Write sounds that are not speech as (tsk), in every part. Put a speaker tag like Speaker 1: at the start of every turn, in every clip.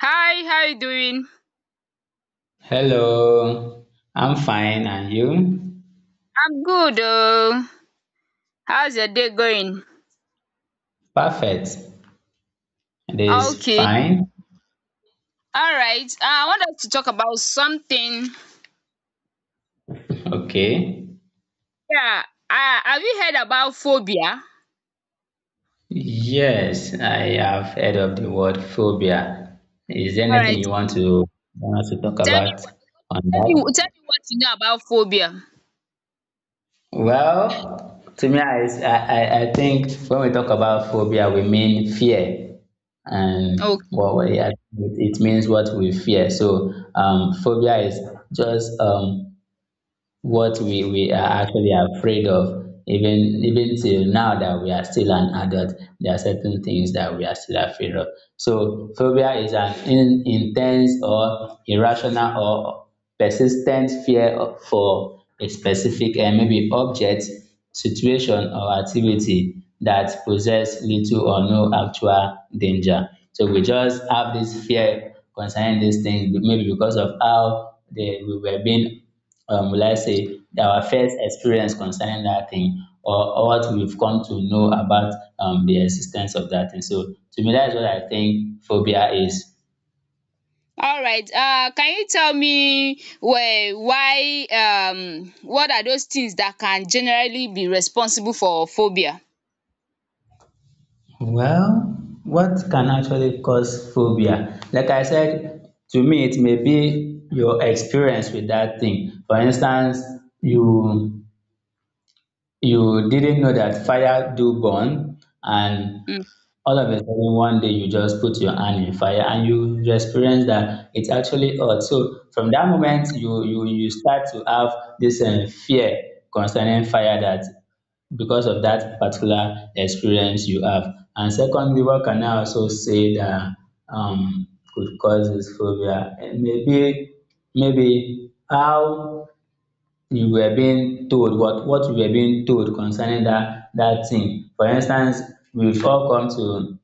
Speaker 1: Hi, how you doing?
Speaker 2: Hello, I'm fine, and you?
Speaker 1: I'm good. Oh, how's your day going?
Speaker 2: Perfect. It is
Speaker 1: Okay.
Speaker 2: fine.
Speaker 1: All right. I want us to talk about something.
Speaker 2: Okay.
Speaker 1: Yeah. Have you heard about phobia?
Speaker 2: Yes, I have heard of the word phobia. Is there
Speaker 1: All
Speaker 2: anything
Speaker 1: right.
Speaker 2: you want us to talk
Speaker 1: Tell me
Speaker 2: about
Speaker 1: what.
Speaker 2: on
Speaker 1: Tell me. Tell
Speaker 2: that?
Speaker 1: me what you know about phobia.
Speaker 2: Well, to me, I think when we talk about phobia, we mean fear. And
Speaker 1: Okay.
Speaker 2: what we, it means what we fear. So phobia is just what we are actually afraid of, even till now that we are still an adult, there are certain things that we are still afraid of. So phobia is an intense or irrational or persistent fear for a specific and maybe object, situation or activity that possess little or no actual danger. So we just have this fear concerning these things, maybe because of how they we were being, will I say, our first experience concerning that thing, or what we've come to know about the existence of that thing. So to me, that's what I think phobia is.
Speaker 1: All right. Can you tell me why? What are those things that can generally be responsible for phobia?
Speaker 2: Well, what can actually cause phobia? Like I said, to me, it may be your experience with that thing. For instance, you you didn't know that fire do burn, and
Speaker 1: Hmm.
Speaker 2: all of a sudden one day you just put your hand in fire and you experience that it's actually hot. So from that moment you start to have this fear concerning fire, that because of that particular experience you have. And secondly, what can I also say that um could cause this phobia? Maybe how you were being told, what you were being told concerning that thing. For instance, we've all come to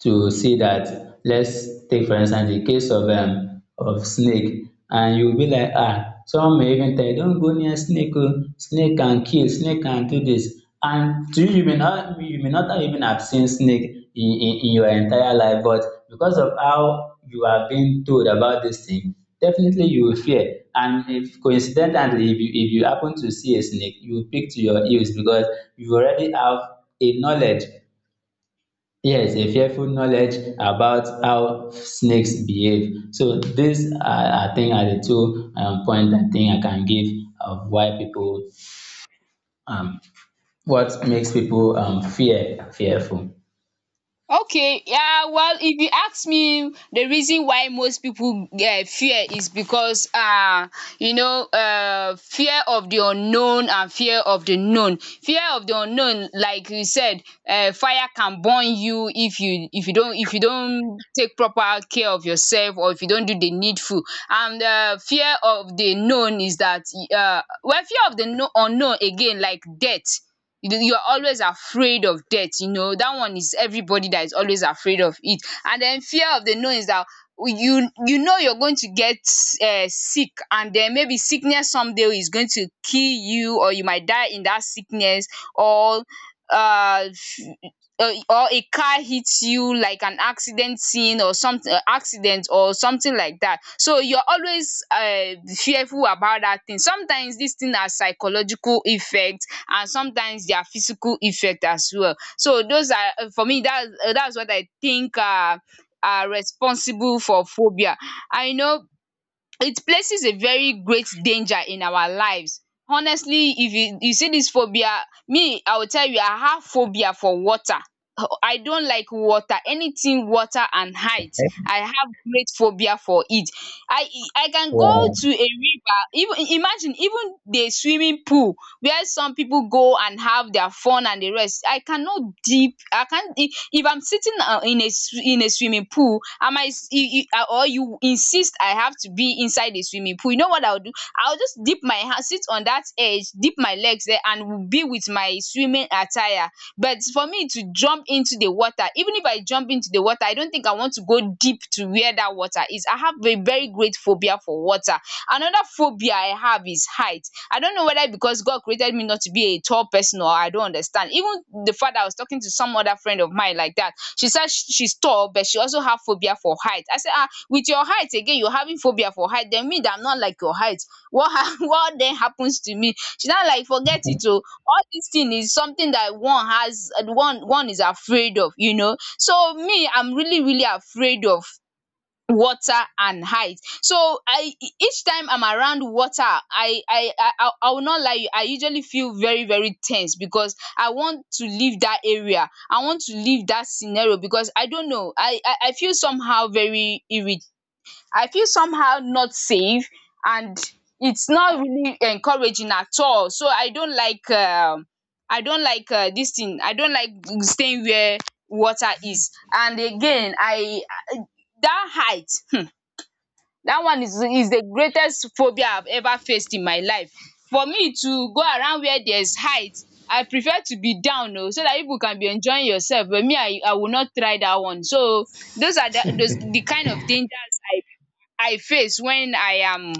Speaker 2: to see that, let's take for instance the case of snake, and you be like, some may even tell you, don't go near snake. Oh, snake can kill, snake can do this. And to you may not you may not even have seen snake in your entire life, but because of how you are being told about this thing, definitely you will fear. And if coincidentally, if you happen to see a snake, you will pick to your heels, because you already have a knowledge. Yes, a fearful knowledge about how snakes behave. So these are, I think, are the two point I think I can give of why people, um what makes people fearful.
Speaker 1: Okay, well, if you ask me, the reason why most pipu fear is because fear of the unknown and fear of the known. Fear of the unknown, like you said, fire can burn you if you don't if you don't take proper care of yourself, or if you don't do the needful. And fear of the known is that well, fear of the unknown again, like death. You know, you're always afraid of death. You know that one is everybody that is always afraid of it. And then fear of the known is that you know you're going to get sick, and then maybe sickness someday is going to kill you, or you might die in that sickness. Or uh or a car hits you, like an accident scene or something. Accident or something like that. So you're always fearful about that thing. Sometimes this thing na psychological effect, and sometimes their physical effect as well. So those are, for me, that's what I think are responsible for phobia. And you know, it places a very great danger in our lives. Honestly, if you see dis phobia, me, I will tell you, I have phobia for water. I don't like water. Anything water and height, I have great phobia for it. I I can go to a river. Even imagine even the swimming pool where some people go and have their fun and the rest, I cannot deep, I can't. If I'm sitting, in a swimming pool, and I might or you insist I have to be inside the swimming pool, you know what I will do. I will just dip my hand, sit on that edge, dip my legs there, and be with my swimming attire. But for me to jump into the water, even if I jump into the water, I don't think I want to go deep to where that water is. I have a very great phobia for water. Another phobia I have is height. I don't know whether because God created me not to be a tall person, or I don't understand. Even the fact that I was talking to some other friend of mine like that, she said she's tall, but she also have phobia for height. I said, ah, with your height again, you're having phobia for height? Then me that I'm not like your height, what ha (laughs) what then happens to me. She now like, forget it o, all dis thing is something that one has, one is afraid of, so me, I'm really really afraid of water and height. So I, each time I'm around water, I will not lie you, I usually feel very very tense, because I want to leave that area, I want to leave that scenario. Because I don't know, I feel somehow not safe, and it's not really encouraging at all. So I don't like dis thing. I don't like staying where water is. And again, I that height, (laughs) that one is the greatest phobia I've ever faced in my life. For me to go around where there's height, I prefer to be down oo so that people can be enjoying yourself, but me, I will not try that one. So those are the, those
Speaker 2: (laughs)
Speaker 1: the kind of dangers I face when i am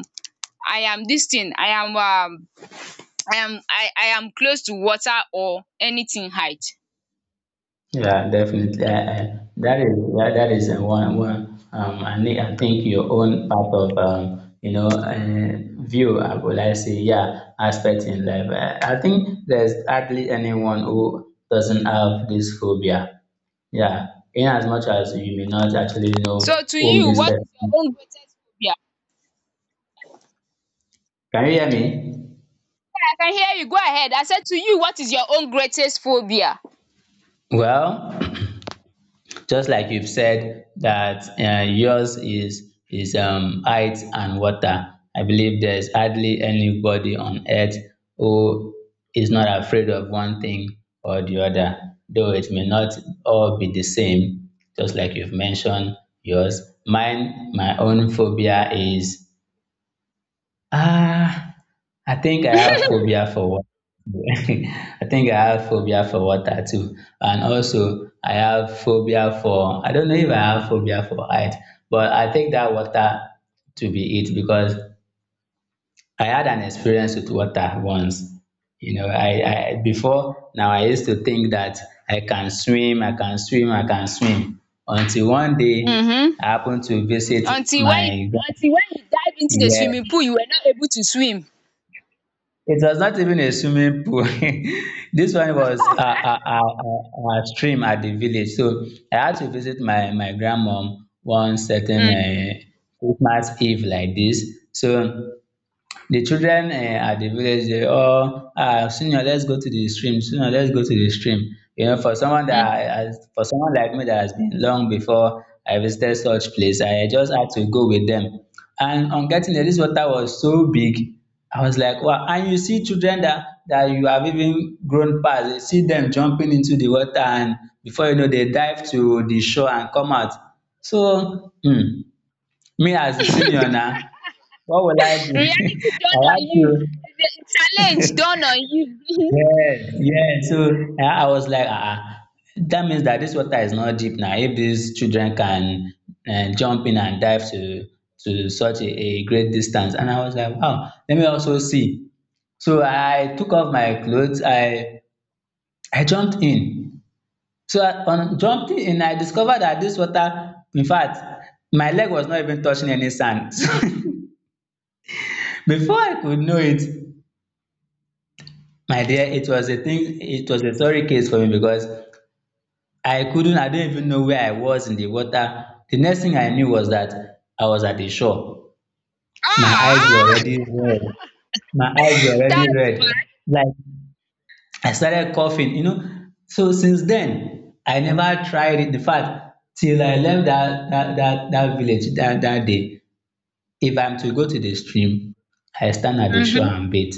Speaker 1: i am this thing, I am close to water or anything height.
Speaker 2: Yeah, definitely. That is that is one. I think your own part of, view. I would like say, yeah, aspect in life. I think there's hardly anyone who doesn't have this phobia. Yeah, in as much as you may not actually
Speaker 1: So
Speaker 2: know
Speaker 1: to
Speaker 2: whom
Speaker 1: you,
Speaker 2: this
Speaker 1: what
Speaker 2: person.
Speaker 1: is your own greatest phobia?
Speaker 2: Can you hear me?
Speaker 1: I can hear you, go ahead. I said to you, what is your own greatest phobia?
Speaker 2: Well, (clears throat) just like you've said that yours is height and water. I believe there is hardly anybody on earth who is not afraid of one thing or the other, though it may not all be the same. Just like you've mentioned yours, mine, my own phobia is, ah, I think I have phobia for (laughs) I think I have phobia for water too. And also, I don't know if I have phobia for height, but I take that water to be it because I had an experience with water once. You know, I before now I used to think that I can swim, I can swim, I can swim. Until one day
Speaker 1: um
Speaker 2: I happened to visit
Speaker 1: until when you
Speaker 2: my grand-
Speaker 1: until when you dive into the swimming
Speaker 2: yeah.
Speaker 1: pool, you were not able to swim.
Speaker 2: It was not even a swimming pool. (laughs) This one was a stream at the village. So I had to visit my grandmom one certain
Speaker 1: um
Speaker 2: Christmas Eve like this. So the children at the village, they all, Senior, let's go to the stream, senior let's go to the stream."
Speaker 1: um
Speaker 2: For someone like me that has been long before I visited such place, I just had to go with them. And on getting there, this water was so big. I was like, wow. And you see children, that you have even grown pass, you see dem jumping into the water, and before you know, they dive to the shore and come out. So me as the senior now, what will I do? (laughs)
Speaker 1: reality
Speaker 2: I
Speaker 1: dawn on
Speaker 2: had
Speaker 1: you,
Speaker 2: to.
Speaker 1: the challenge
Speaker 2: (laughs)
Speaker 1: dawn on you.
Speaker 2: Yes, yes. So I was like, that means that this water is not deep now. If these children can jump in and dive to such a great distance, and I was like, wow. Let me also see. So I took off my clothes. I jumped in. So on jumping in, I discovered that this water, in fact, my leg was not even touching any sand. (laughs) Before I could know it, my dear, it was a sorry case for me because I didn't even know where I was in the water. The next thing I knew was that I was at the shore.
Speaker 1: (laughs)
Speaker 2: My
Speaker 1: Ah,
Speaker 2: eyes were already red. My eyes were already
Speaker 1: that's
Speaker 2: red.
Speaker 1: bad.
Speaker 2: Like, I started coughing. So since then, I never tried it. In fact, till I left that village that day, if I'm to go to the stream, I stand at the shore
Speaker 1: um
Speaker 2: and bathe,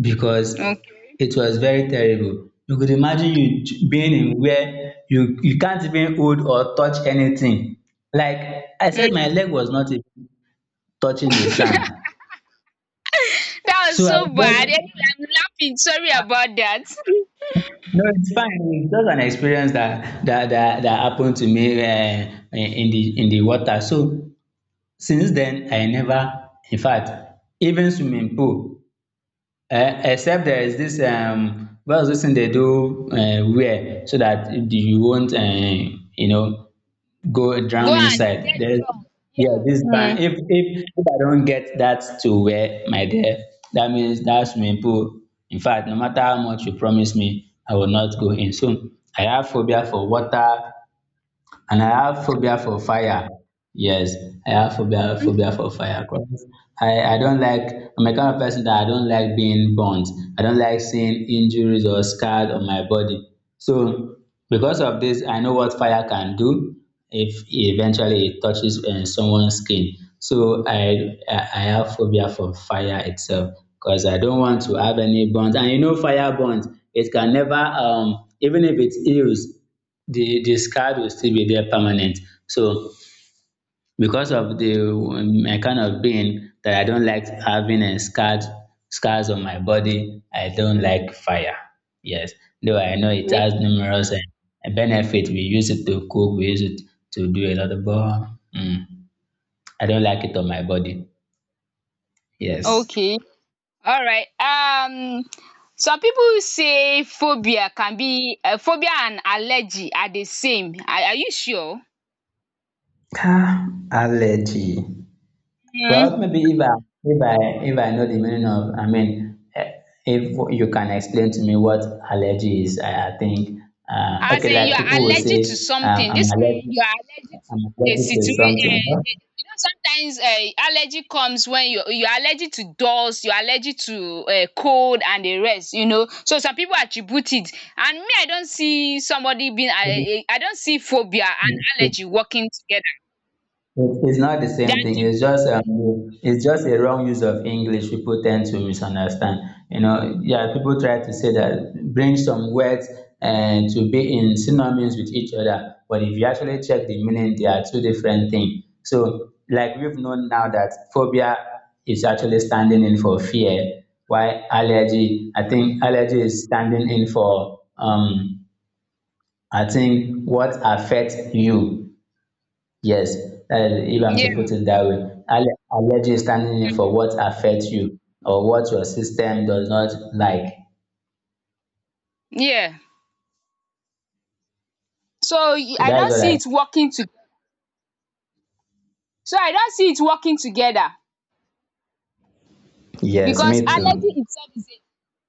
Speaker 2: because
Speaker 1: okay.
Speaker 2: it was very terrible. You could imagine, being in where you can't even hold or touch anything. Like I said, my leg was not even touching the sand.
Speaker 1: That was
Speaker 2: So I
Speaker 1: so bad.
Speaker 2: was
Speaker 1: Anyway,
Speaker 2: just,
Speaker 1: I'm laughing. Sorry about that.
Speaker 2: no, it's fine. It's just an experience that happened to me in the water. So since then, I never, in fact, even swimming pool, um except there is this, what is this thing they do, wear so that you won't, go
Speaker 1: (laughs) Go
Speaker 2: drown inside. There's, yeah, this band.
Speaker 1: on.
Speaker 2: If if I don't get that to wear, my dear, that means that swimming pool, in fact, no matter how much you promise me, I will not go in. So I have phobia for water, and I have phobia for fire. Yes, I have phobia for fire. 'Cause I don't like I'm a kind of person that I don't like being burnt. I don't like seeing injuries or scars on my body. So because of this, I know what fire can do if eventually it touches someone's skin. So I have phobia for fire itself because I don't want to have any burns. And you know, fire burns, it can never, even if it heals, the scar will still be there permanent. So because of the my kind of being, that I don't like having a scarred scars on my body, I don't like fire. Yes, though I know it
Speaker 1: Hmm.
Speaker 2: has numerous benefits. We use it to cook, we use it to do a lot of, but mm, I don't like it on my body. Yes.
Speaker 1: Okay. All right. Some people say phobia can be, phobia and allergy are the same. Are you sure?
Speaker 2: Ah, allergy.
Speaker 1: Hmm.
Speaker 2: Well, maybe if I if I know the meaning of, I mean, if you can explain to me what allergy is, I think,
Speaker 1: As
Speaker 2: okay,
Speaker 1: in, you
Speaker 2: like people
Speaker 1: are
Speaker 2: will say,
Speaker 1: allergic to something.
Speaker 2: I'm
Speaker 1: This kind,
Speaker 2: allergic,
Speaker 1: you are allergic to a situa
Speaker 2: to
Speaker 1: sometimes allergy comes when you are allergic to dust, you are allergic to cold, and the rest, so some people attribute it. And me, I don't see somebody being I don't see phobia and
Speaker 2: something.
Speaker 1: allergy working together.
Speaker 2: It's not the
Speaker 1: They
Speaker 2: same
Speaker 1: are
Speaker 2: thing. It's
Speaker 1: two
Speaker 2: just um, it's just a wrong use of English. People tend to misunderstand. You know, yeah, people try to say that, bring some words and to be in synonyms with each other. But if you actually check the meaning, they are two different things. So, like we've known now, that phobia is actually standing in for fear, while allergy, I think allergy is standing in for, I think, what affects you. Yes, if I'm to
Speaker 1: people-
Speaker 2: put it that way, allergy is standing in
Speaker 1: yeah,
Speaker 2: for what affects you or what your system does not like.
Speaker 1: yeah, so y-
Speaker 2: So
Speaker 1: I
Speaker 2: that is
Speaker 1: don't
Speaker 2: what
Speaker 1: see
Speaker 2: I.
Speaker 1: it working to so I don't see it working together.
Speaker 2: Yes,
Speaker 1: because
Speaker 2: me too.
Speaker 1: allergy itself is a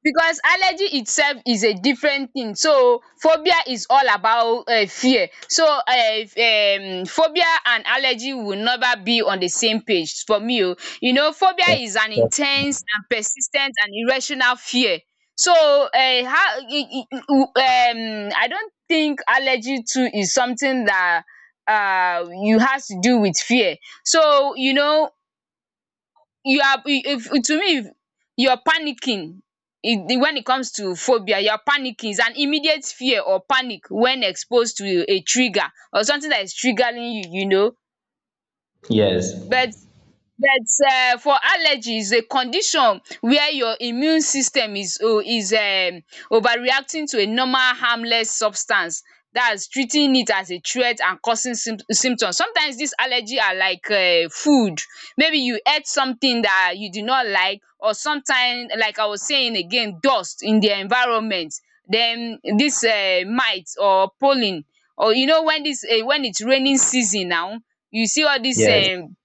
Speaker 1: because allergy itself is a different thing. So phobia is all about fear. So phobia and allergy will never be on the same page for me o. You know, phobia is an in ten se and persis ten t and irrational fear. So I don't think allergy too is something that you has to do with fear. So you are if to me, if you're panicking, it when it comes to phobia, you're panicking. It's an immediate fear or panic when exposed to a trigger or something that is triggering you, you know
Speaker 2: Yes,
Speaker 1: but that's for allergies. A condition where your immune system is overreacting to a normal, harmless substance, that's treating it as a threat and causing symptoms. Sometimes dis allergy are like food. Maybe you ate something that you do not like, or sometimes, like I was saying again, dust in the environment, then this mite or pollen. Or when it's raining season now, you see all this.
Speaker 2: yes,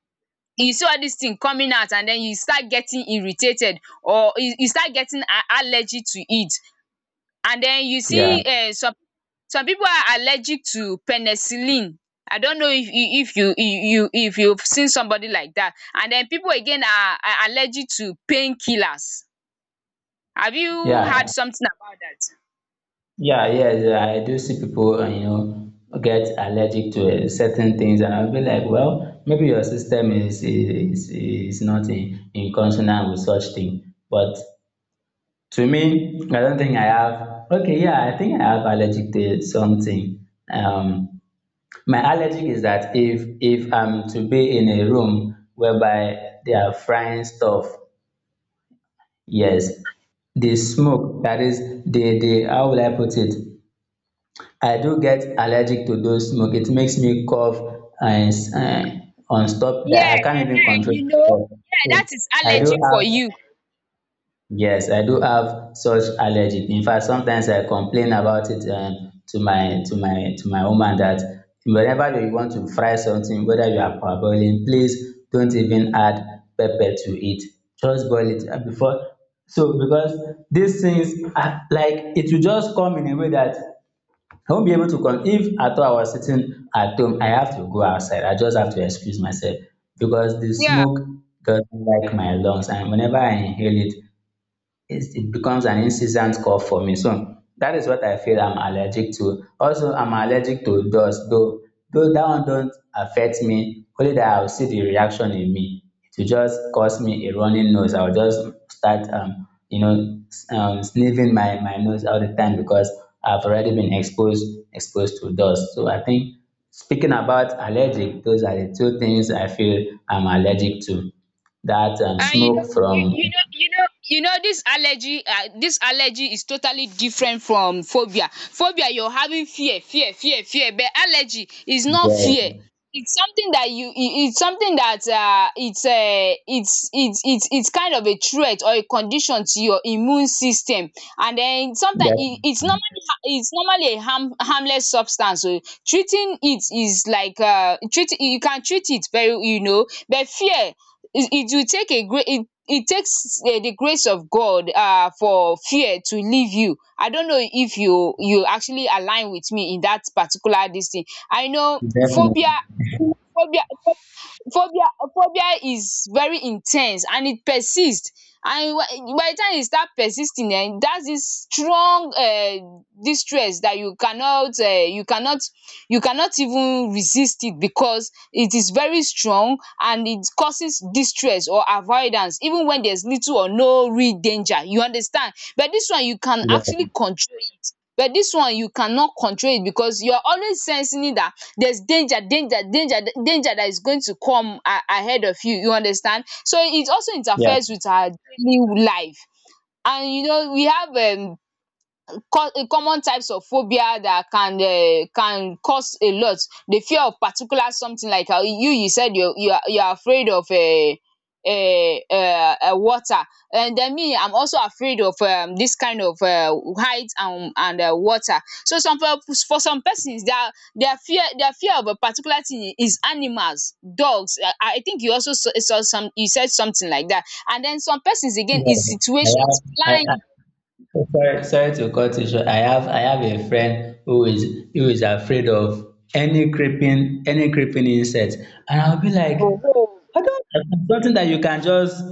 Speaker 1: You see all these thing coming out, and then you start getting irritated, or you start getting allergy to it. And then you
Speaker 2: yeah,
Speaker 1: see
Speaker 2: yeah,
Speaker 1: some people are allergic to penicillin. I don't know if you you if you've seen somebody like that. And then people again are allergic to painkillers. Have you heard
Speaker 2: yeah,
Speaker 1: something about that?
Speaker 2: yes. Yeah, I do see people, get allergic to certain things, and I'll be like, well, maybe your system is not in consonant with such thing, but to me, I don't think I have. Okay, yeah, I think I have allergic to something. My allergic is that, if I'm to be in a room whereby they are frying stuff, yes, the smoke that is the, how will I put it? I do get allergic to those smoke. It makes me cough and, on stop that
Speaker 1: Yeah.
Speaker 2: I can't
Speaker 1: um
Speaker 2: even control
Speaker 1: you know
Speaker 2: myself.
Speaker 1: yeah,
Speaker 2: So,
Speaker 1: that is
Speaker 2: I do
Speaker 1: allergy for
Speaker 2: have
Speaker 1: you.
Speaker 2: yes, I do have such allergy. In fact, sometimes I complain about it, to my to my to my woman that, whenever you want to fry something, whether you are parboiling, please don't even add pepper to it. Just boil it before. So because these things are like it will just come in a way that I won't be able to come. If at all I was sitting at home, I have to go outside. I just have to excuse myself because the
Speaker 1: Yeah.
Speaker 2: smoke doesn't like my lungs, and whenever I inhale it, it becomes an incessant cough for me. So that is what I feel I'm allergic to. Also, I'm allergic to dust, though that one don't affect me, only that I'll see the reaction in me. It will just cause me a running nose. I'll just start sniffing my nose all the time because I've already been exposed to dust. So I think speaking about allergic, those are the two things I feel I'm allergic to. That
Speaker 1: Ah,
Speaker 2: smoke from
Speaker 1: this allergy, is totally different from phobia. Phobia, you're having fear, fear, fear, fear, but allergy is not
Speaker 2: yes.
Speaker 1: fear. It's something it's something that, it's a, it's, it's kind of a threat or a condition to your immune system, and then sometimes it's
Speaker 2: Definitely.
Speaker 1: normally, it's normally a harmless substance. So, treating it is like, you can treat it, very, but fear, it will take a great it takes the grace of God, for fear to leave you. I don't know if you actually align with me in that particular this thing. I know phobia
Speaker 2: Definitely.
Speaker 1: phobia phobia phobia is very in ten se and it persist, and by the time e start persisting, that's this strong distress that you cannot even resist it, because it is very strong, and it causes distress or avoidance even when there's little or no real danger, you understand. But this one you can
Speaker 2: Yes,
Speaker 1: actually control it. But this one you cannot control it, because you're always sensing it that there's danger, danger, danger, danger that is going to come ahead of you, you understand. So it also
Speaker 2: yes,
Speaker 1: interferes with our daily life. And we have common types of phobia that can cause a lot. The fear of particular something, like how you said you are afraid of um water. And then me, I'm also afraid of this kind of height and water. So, some for some persons, their fear of a particular thing is animals, dogs. I think you also saw some, you said something like that. And then some persons again is
Speaker 2: yes. Yes.
Speaker 1: situations,
Speaker 2: I I
Speaker 1: flying.
Speaker 2: I Sorry, sorry to cut you short. I have a friend who is afraid of any creeping insect, and I'll be like,
Speaker 1: Oh,
Speaker 2: I don't, something that you can just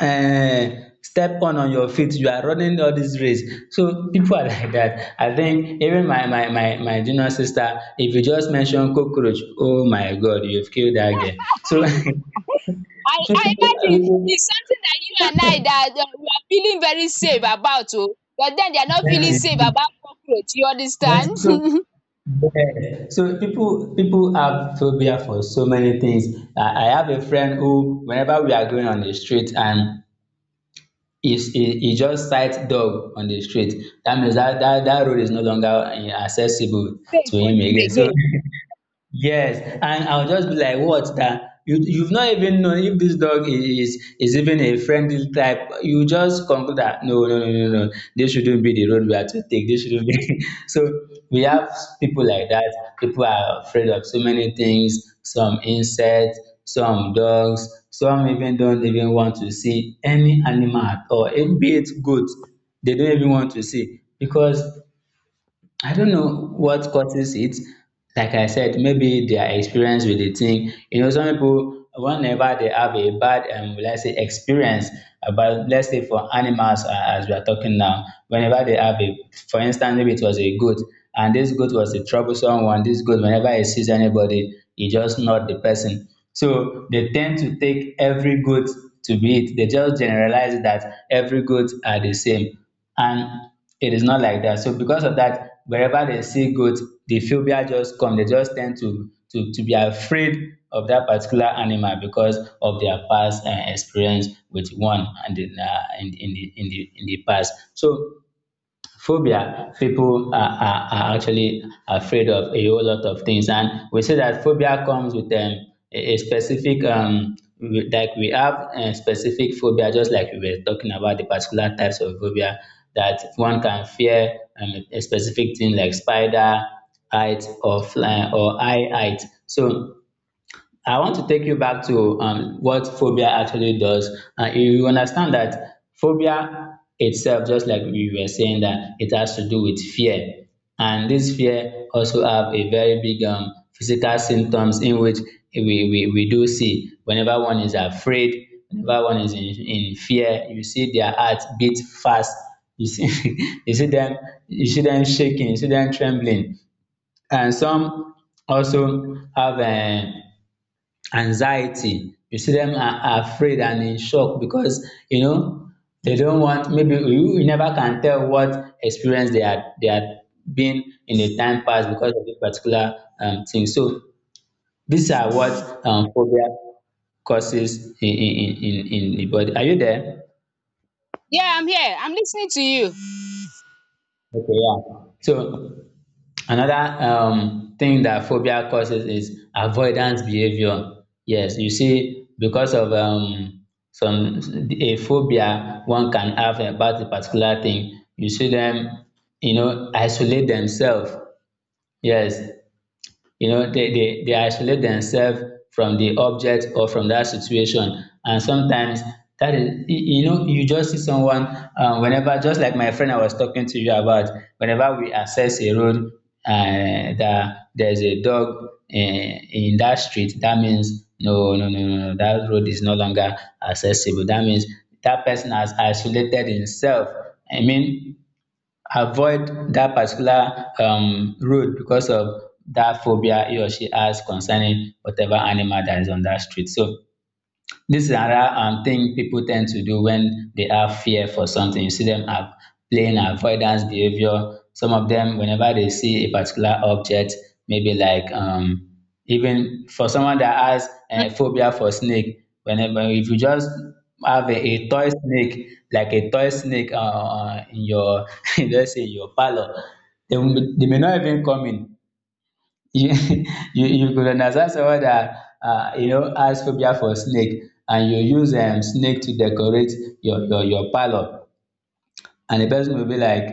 Speaker 2: step on your feet. You are running all this race, so people are (laughs) like that. I think even my junior sister, if you just mention cockroach, oh my God, you've killed that girl. So.
Speaker 1: I
Speaker 2: (laughs)
Speaker 1: I
Speaker 2: People,
Speaker 1: imagine
Speaker 2: people-
Speaker 1: it's something that you and I that we are feeling very safe about. Oh, but then they are not
Speaker 2: That
Speaker 1: feeling
Speaker 2: is
Speaker 1: safe
Speaker 2: it.
Speaker 1: about cockroach, you
Speaker 2: Yes,
Speaker 1: understand. (laughs)
Speaker 2: so
Speaker 1: Safe
Speaker 2: yeah. So people have phobia for so many things. I have a friend who, whenever we are going on the street and he just sights dog on the street. That means that that road is no longer accessible to
Speaker 1: for
Speaker 2: him
Speaker 1: him
Speaker 2: again. So
Speaker 1: again.
Speaker 2: (laughs) Yes, and I'll just be like, what, that you you've not even known if this dog is even a friendly type. You just conclude that no, no, no, no, no. This shouldn't be the road we have to take. This shouldn't be. (laughs) So we have people like that. People are afraid of so many things. Some insects, some dogs, some even don't even want to see any animal at all. Be it goat, they don't even want to see because I don't know what causes it. Like I said, maybe their experience with the thing. You know, some people whenever they have a bad let's say experience about, let's say, for animals, as we are talking now, whenever they have a, for instance maybe it was a goat, and this goat was a troublesome one, this goat whenever it sees anybody, it just not the person. So they tend to take every goat to be it. They just generalize that every goat are the same, and it is not like that. So because of that, wherever they see goat, the phobia just come. They just tend to to be afraid of that particular animal because of their past experience with one and in the in the past. So phobia, people are actually afraid of a whole lot of things, and we say that phobia comes with a specific like we have a specific phobia. Just like we were talking about the particular types of phobia that one can fear, a specific thing like spider, height or fly or high height. So I want to take you back to what phobia actually does. You understand that phobia itself, just like we were saying, that it has to do with fear, and this fear also have a very big physical symptoms in which we do see whenever one is afraid, whenever one is in fear, you see their heart beat fast. You see, (laughs) you see them shaking, you see them trembling, and some also have a anxiety. You see them are afraid and in shock because you know they don't want. Maybe you, you never can tell what experience they had been in the time past because of this particular thing. So these are what phobia causes in in the body. Are you there?
Speaker 1: Yeah, I'm here. I'm listening to you.
Speaker 2: Okay, yeah. So another thing that phobia causes is avoidance behavior. Yes, you see, because of some, a phobia one can have about a particular thing, you see them, you know, isolate themselves. Yes, you know they isolate themselves from the object or from that situation, and sometimes that is you, you know, you just see someone whenever, just like my friend I was talking to you about, whenever we access a road, that there's a dog in that street, that means no, no, no, no, no, that road is no longer accessible. That means that person has isolated himself, I mean, avoid that particular road because of that phobia he or she has concerning whatever animal that is on that street. So this is another thing people tend to do when they have fear for something. You see them are playing avoidance behavior. Some of them, whenever they see a particular object, maybe like even for someone that has
Speaker 1: um
Speaker 2: a phobia for snake, whenever, if you just have a toy snake, like a toy snake in your, (laughs) let's say in your parlor, they may not even come in. You (laughs) you could understand someone that you know has phobia for snake, and you use snake to decorate your parlour, and the person will be like,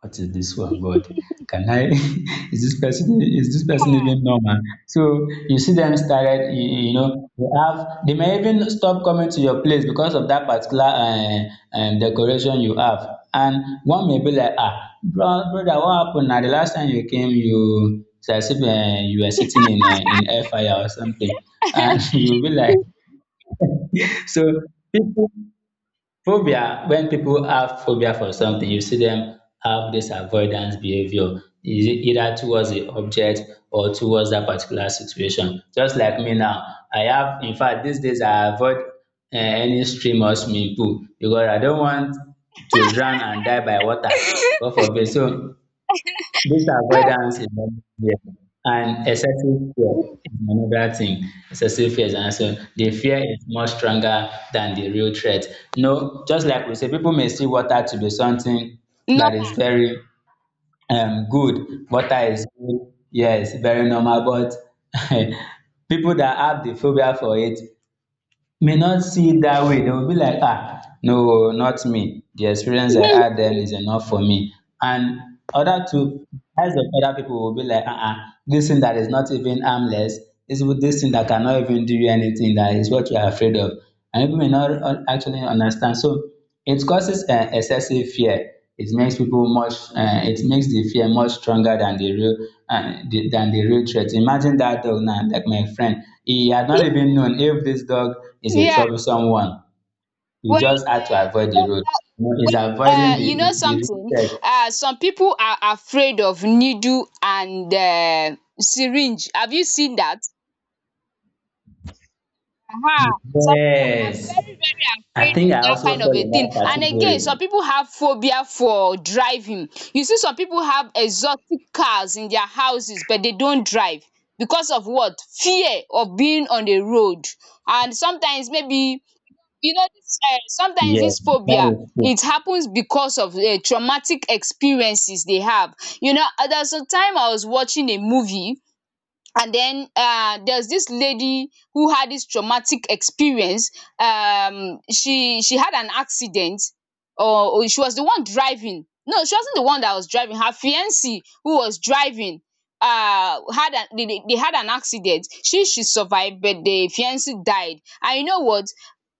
Speaker 2: what is this one, God? Can I? (laughs) Is this person, is this person even normal? So you see them started, you know, they have, they may even stop coming to your place because of that particular decoration you have. And one may be like, ah, bro, brother, what happened? Now the last time you came, you, it's as if you were sitting in air fire or something, and (laughs) you will be like, (laughs) so people. Phobia, when people have phobia for something, you see them have this avoidance behavior, is it either towards the object or towards that particular situation. Just like me now, I have, in fact, these days I avoid any stream or swimming pool because I don't want to drown and die by water. God forbid. So this avoidance is one fear, and excessive fear is another thing. Excessive fear is another thing. The fear is much stronger than the real threat. No, just like we say, people may see water to be something that is
Speaker 1: normal
Speaker 2: very good. Water is good, yes, very normal, but (laughs) people that have the phobia for it may not see it that way. Dem go be like, ah no oo, not me, the experience I had
Speaker 1: (laughs)
Speaker 2: then is enough for me. And other two eyes of other people will be like, ah ah, this thing that is not even harmless, this thing that cannot even do you anything, that is what you are afraid of. And people may not actually understand. So it causes excessive fear. It makes people much, it makes the fear much stronger than the real the than the real threat. Imagine that dog now, like my friend, he had not even known if this dog is a
Speaker 1: Yeah,
Speaker 2: troublesome one. He
Speaker 1: well,
Speaker 2: just had to avoid the road. You know, he's avoiding the
Speaker 1: you
Speaker 2: the
Speaker 1: know
Speaker 2: the real
Speaker 1: something,
Speaker 2: threat.
Speaker 1: some people are afraid of needle and syringe. Have you seen that? Aha! Some people are
Speaker 2: Yes.
Speaker 1: very very
Speaker 2: I
Speaker 1: afraid of
Speaker 2: think I
Speaker 1: that
Speaker 2: also
Speaker 1: kind
Speaker 2: fall
Speaker 1: of a
Speaker 2: in
Speaker 1: thing,
Speaker 2: that
Speaker 1: and again, some
Speaker 2: category.
Speaker 1: people have phobia for driving. You see, some people have exotic cars in their houses, but they don't drive. Because of what? Fear of being on the road. And sometimes, maybe, you know dis sometimes
Speaker 2: Yes,
Speaker 1: this
Speaker 2: that
Speaker 1: phobia,
Speaker 2: is true.
Speaker 1: it happens because of traumatic experiences they have. You know, there was a time I was watching a movie, and then there's this lady who had this traumatic experience. She had an accident, or she was the one driving. No, she wasn't the one that was driving. Her fiancé, who was driving, had an— they had an accident. She survived, but the fiancé died. And you know what,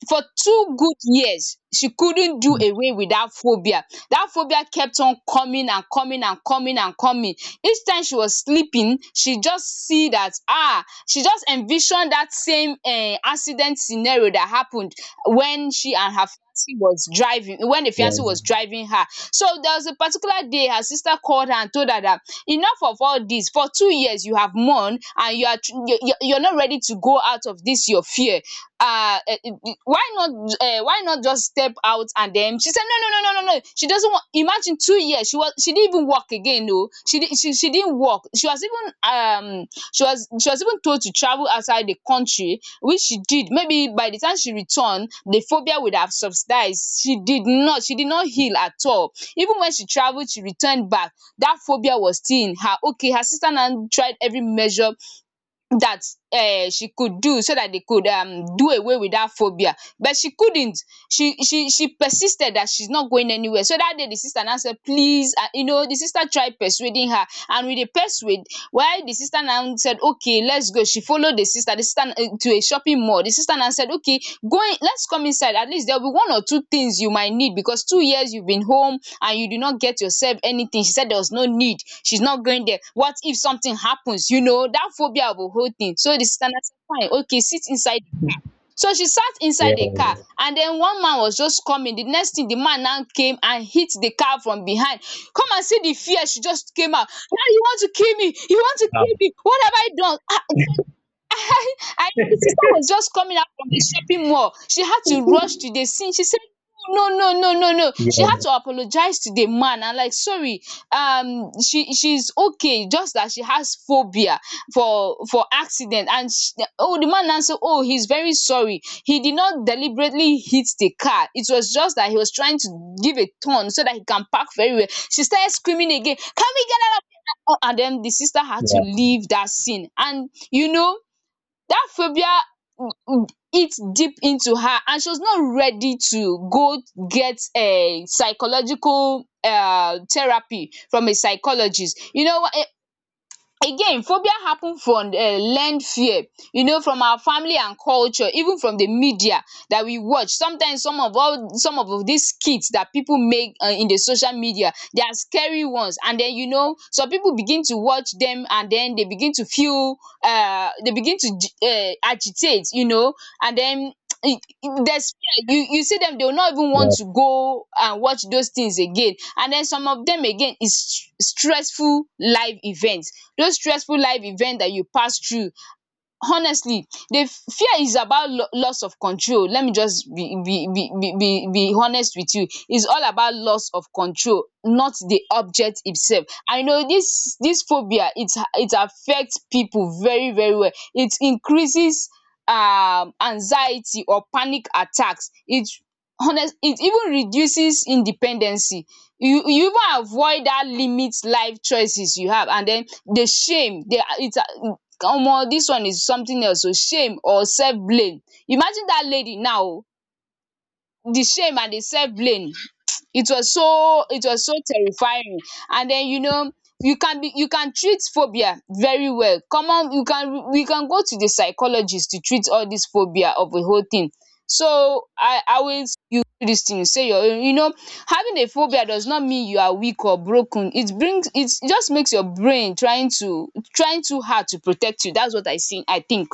Speaker 1: for 2 good years, she couldn't do away with that phobia. That phobia kept on coming and coming and coming and coming. Each time she was sleeping, she just see that, ah, she just envisioned that same accident scenario that happened when she and her fiancé was driving, when the fiancé
Speaker 2: Yes,
Speaker 1: was driving her. So there was a particular day her sister called her and told her that enough of all this. For 2 years you have mourned, and you are you're not ready to go out of this your fear. Why not, just step out? And then she said, no, no, no, no, no, no, she doesn't want. Imagine, 2 years, she didn't even work again. No, she did, she didn't work. She was even told to travel outside the country, which she did. Maybe by the time she returned, the phobia would have subsided. She did not heal at all, even when she traveled. She returned back, that phobia was still in her, okay. Her sister now tried every measure that she could do, so that they could do away with that phobia. But she couldn't, she persisted that she's not going anywhere. So that day, the sister now said, please. The sister tried persuading her, and with the persuade, while the sister now said, okay, let's go. She followed the sister, to a shopping mall. The sister now said, okay, going, let's come inside. At least there'll be one or two things you might need, because 2 years you've been home and you did not get yourself anything. She said there was no need, she's not going there. What if something happens? You know, that phobia of a whole thing. So the sister now said, fine, okay, sit inside the car. So she sat inside the car,
Speaker 2: yes,
Speaker 1: and then one man was just coming. The next thing, the man now came and hit the car from behind. Come and see the fear. She just came out. Now you want to kill me? You want to kill
Speaker 2: um,
Speaker 1: me? What have I done? Ah, so I know, the sister was just coming out from the shopping mall. She had to rush to the scene. She said, no, no, no, no, no. She had
Speaker 2: yes,
Speaker 1: to apologize to the man. I'm like, sorry, she's okay, just that she has phobia for accident. And sh oh, the man answered, oh, he's very sorry. He did not deliberately hit the car. It was just that he was trying to give a turn so that he can park very well. She started screaming again, can we get out of here? And then the sister had to leave that scene. And you know, that phobia eats deep into her, and she was not ready to go get a psychological therapy from a psychologist. Again, phobia happen from learned fear, you know, from our family and culture, even from the media that we watch. Sometimes, some of these skits that people make in the social media, they are scary ones. And then, some people begin to watch them, and then they begin to feel. They begin to agitate. And then, (tsk) there's you see them. They will not even want
Speaker 2: yes.
Speaker 1: to go and watch those things again. And then, some of them again is stressful live events. Those stressful live events that you pass through, honestly, the fear is about loss of control. Let me just be honest with you. It's all about loss of control, not the object itself. I know this, phobia, it affect people very very well. It increases anxiety or panic attacks. It— honest it even reduces independency. You even avoid that, limit life choices you have. And then, the shame, the it's omo, this one is something else. Oh, shame or self blame. Imagine that lady now. Oh, the shame and the self blame. It was so terrifying. And then, you know, you can treat phobia very well. Come on, you can we can go to the psychologist to treat all this phobia of a whole thing. So I will see you do this thing, say your own. Having a phobia does not mean you are weak or broken. It just makes your brain trying to, trying too hard to protect you. That's what I see, I think.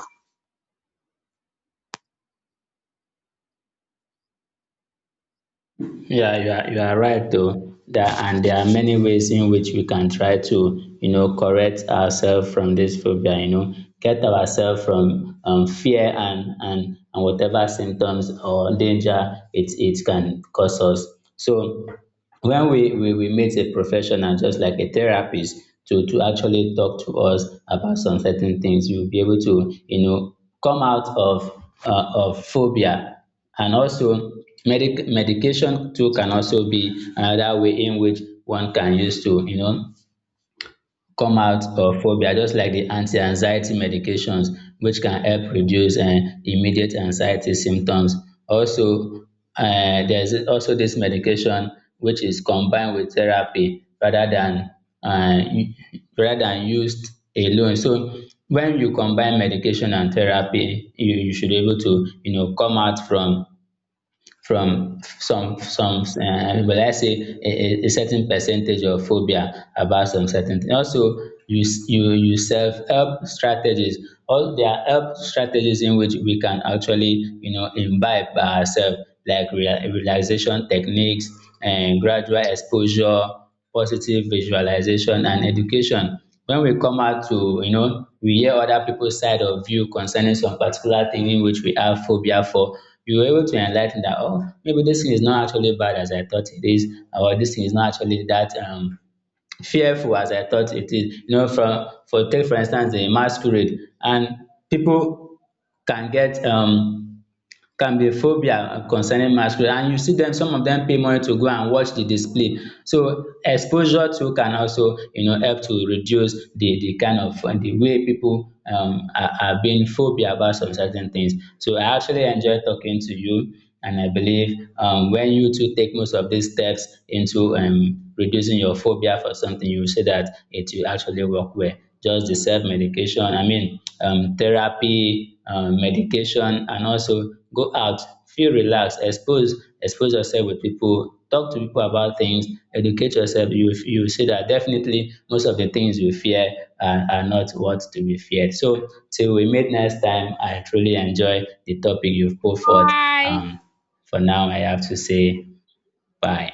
Speaker 2: Yeah, you are right though. That, and there are many ways in which we can try to, you know, correct ourselves from this phobia, you know, get ourselves from fear and, and whatever symptoms or danger it it can cause us. So when we meet a professional just like a therapist to actually talk to us about some certain things, we will be able to, you know, come out of phobia. And also, medic medication too can also be another way in which one can use to, you know, come out of phobia, just like the anti-anxiety medications, which can help reduce immediate anxiety symptoms. Also, there's also this medication which is combined with therapy rather than uh, rather than used alone. So when you combine medication and therapy, you should be able to, you know, come out from some will I say a certain percentage of phobia about some certain thing. Also, you, you self help strategies. All, there are help strategies in which we can actually, you know, imbibe by ourselves, like relaxation techniques and gradual exposure, positive visualization and education. When we come out to, you know, we hear other people's side of view concerning some particular thing in which we have phobia for, we were able to enlighten that, oh, maybe this thing is not actually bad as I thought it is, or this thing is not actually that fearful as I thought it is. You know, from, for, take for instance the masquerade, and people can get can be phobia concerning masquerade, and you see them, some of them pay money to go and watch the display. So exposure too can also, you know, help to reduce the kind of the way people are being phobia about some certain things. So I actually enjoy talking to you, and I believe, when you two take most of these steps into reducing your phobia for something, you will see that it will actually work well. Just the self medication, I mean, therapy, medication, and also go out, feel relaxed, expose, expose yourself with people, talk to people about things, educate yourself. You will see that definitely most of the things you fear are not what to be feared. So till we meet next time, I truly enjoy the topic you've put forth.
Speaker 1: Bye.
Speaker 2: um, for now, I have to say bye.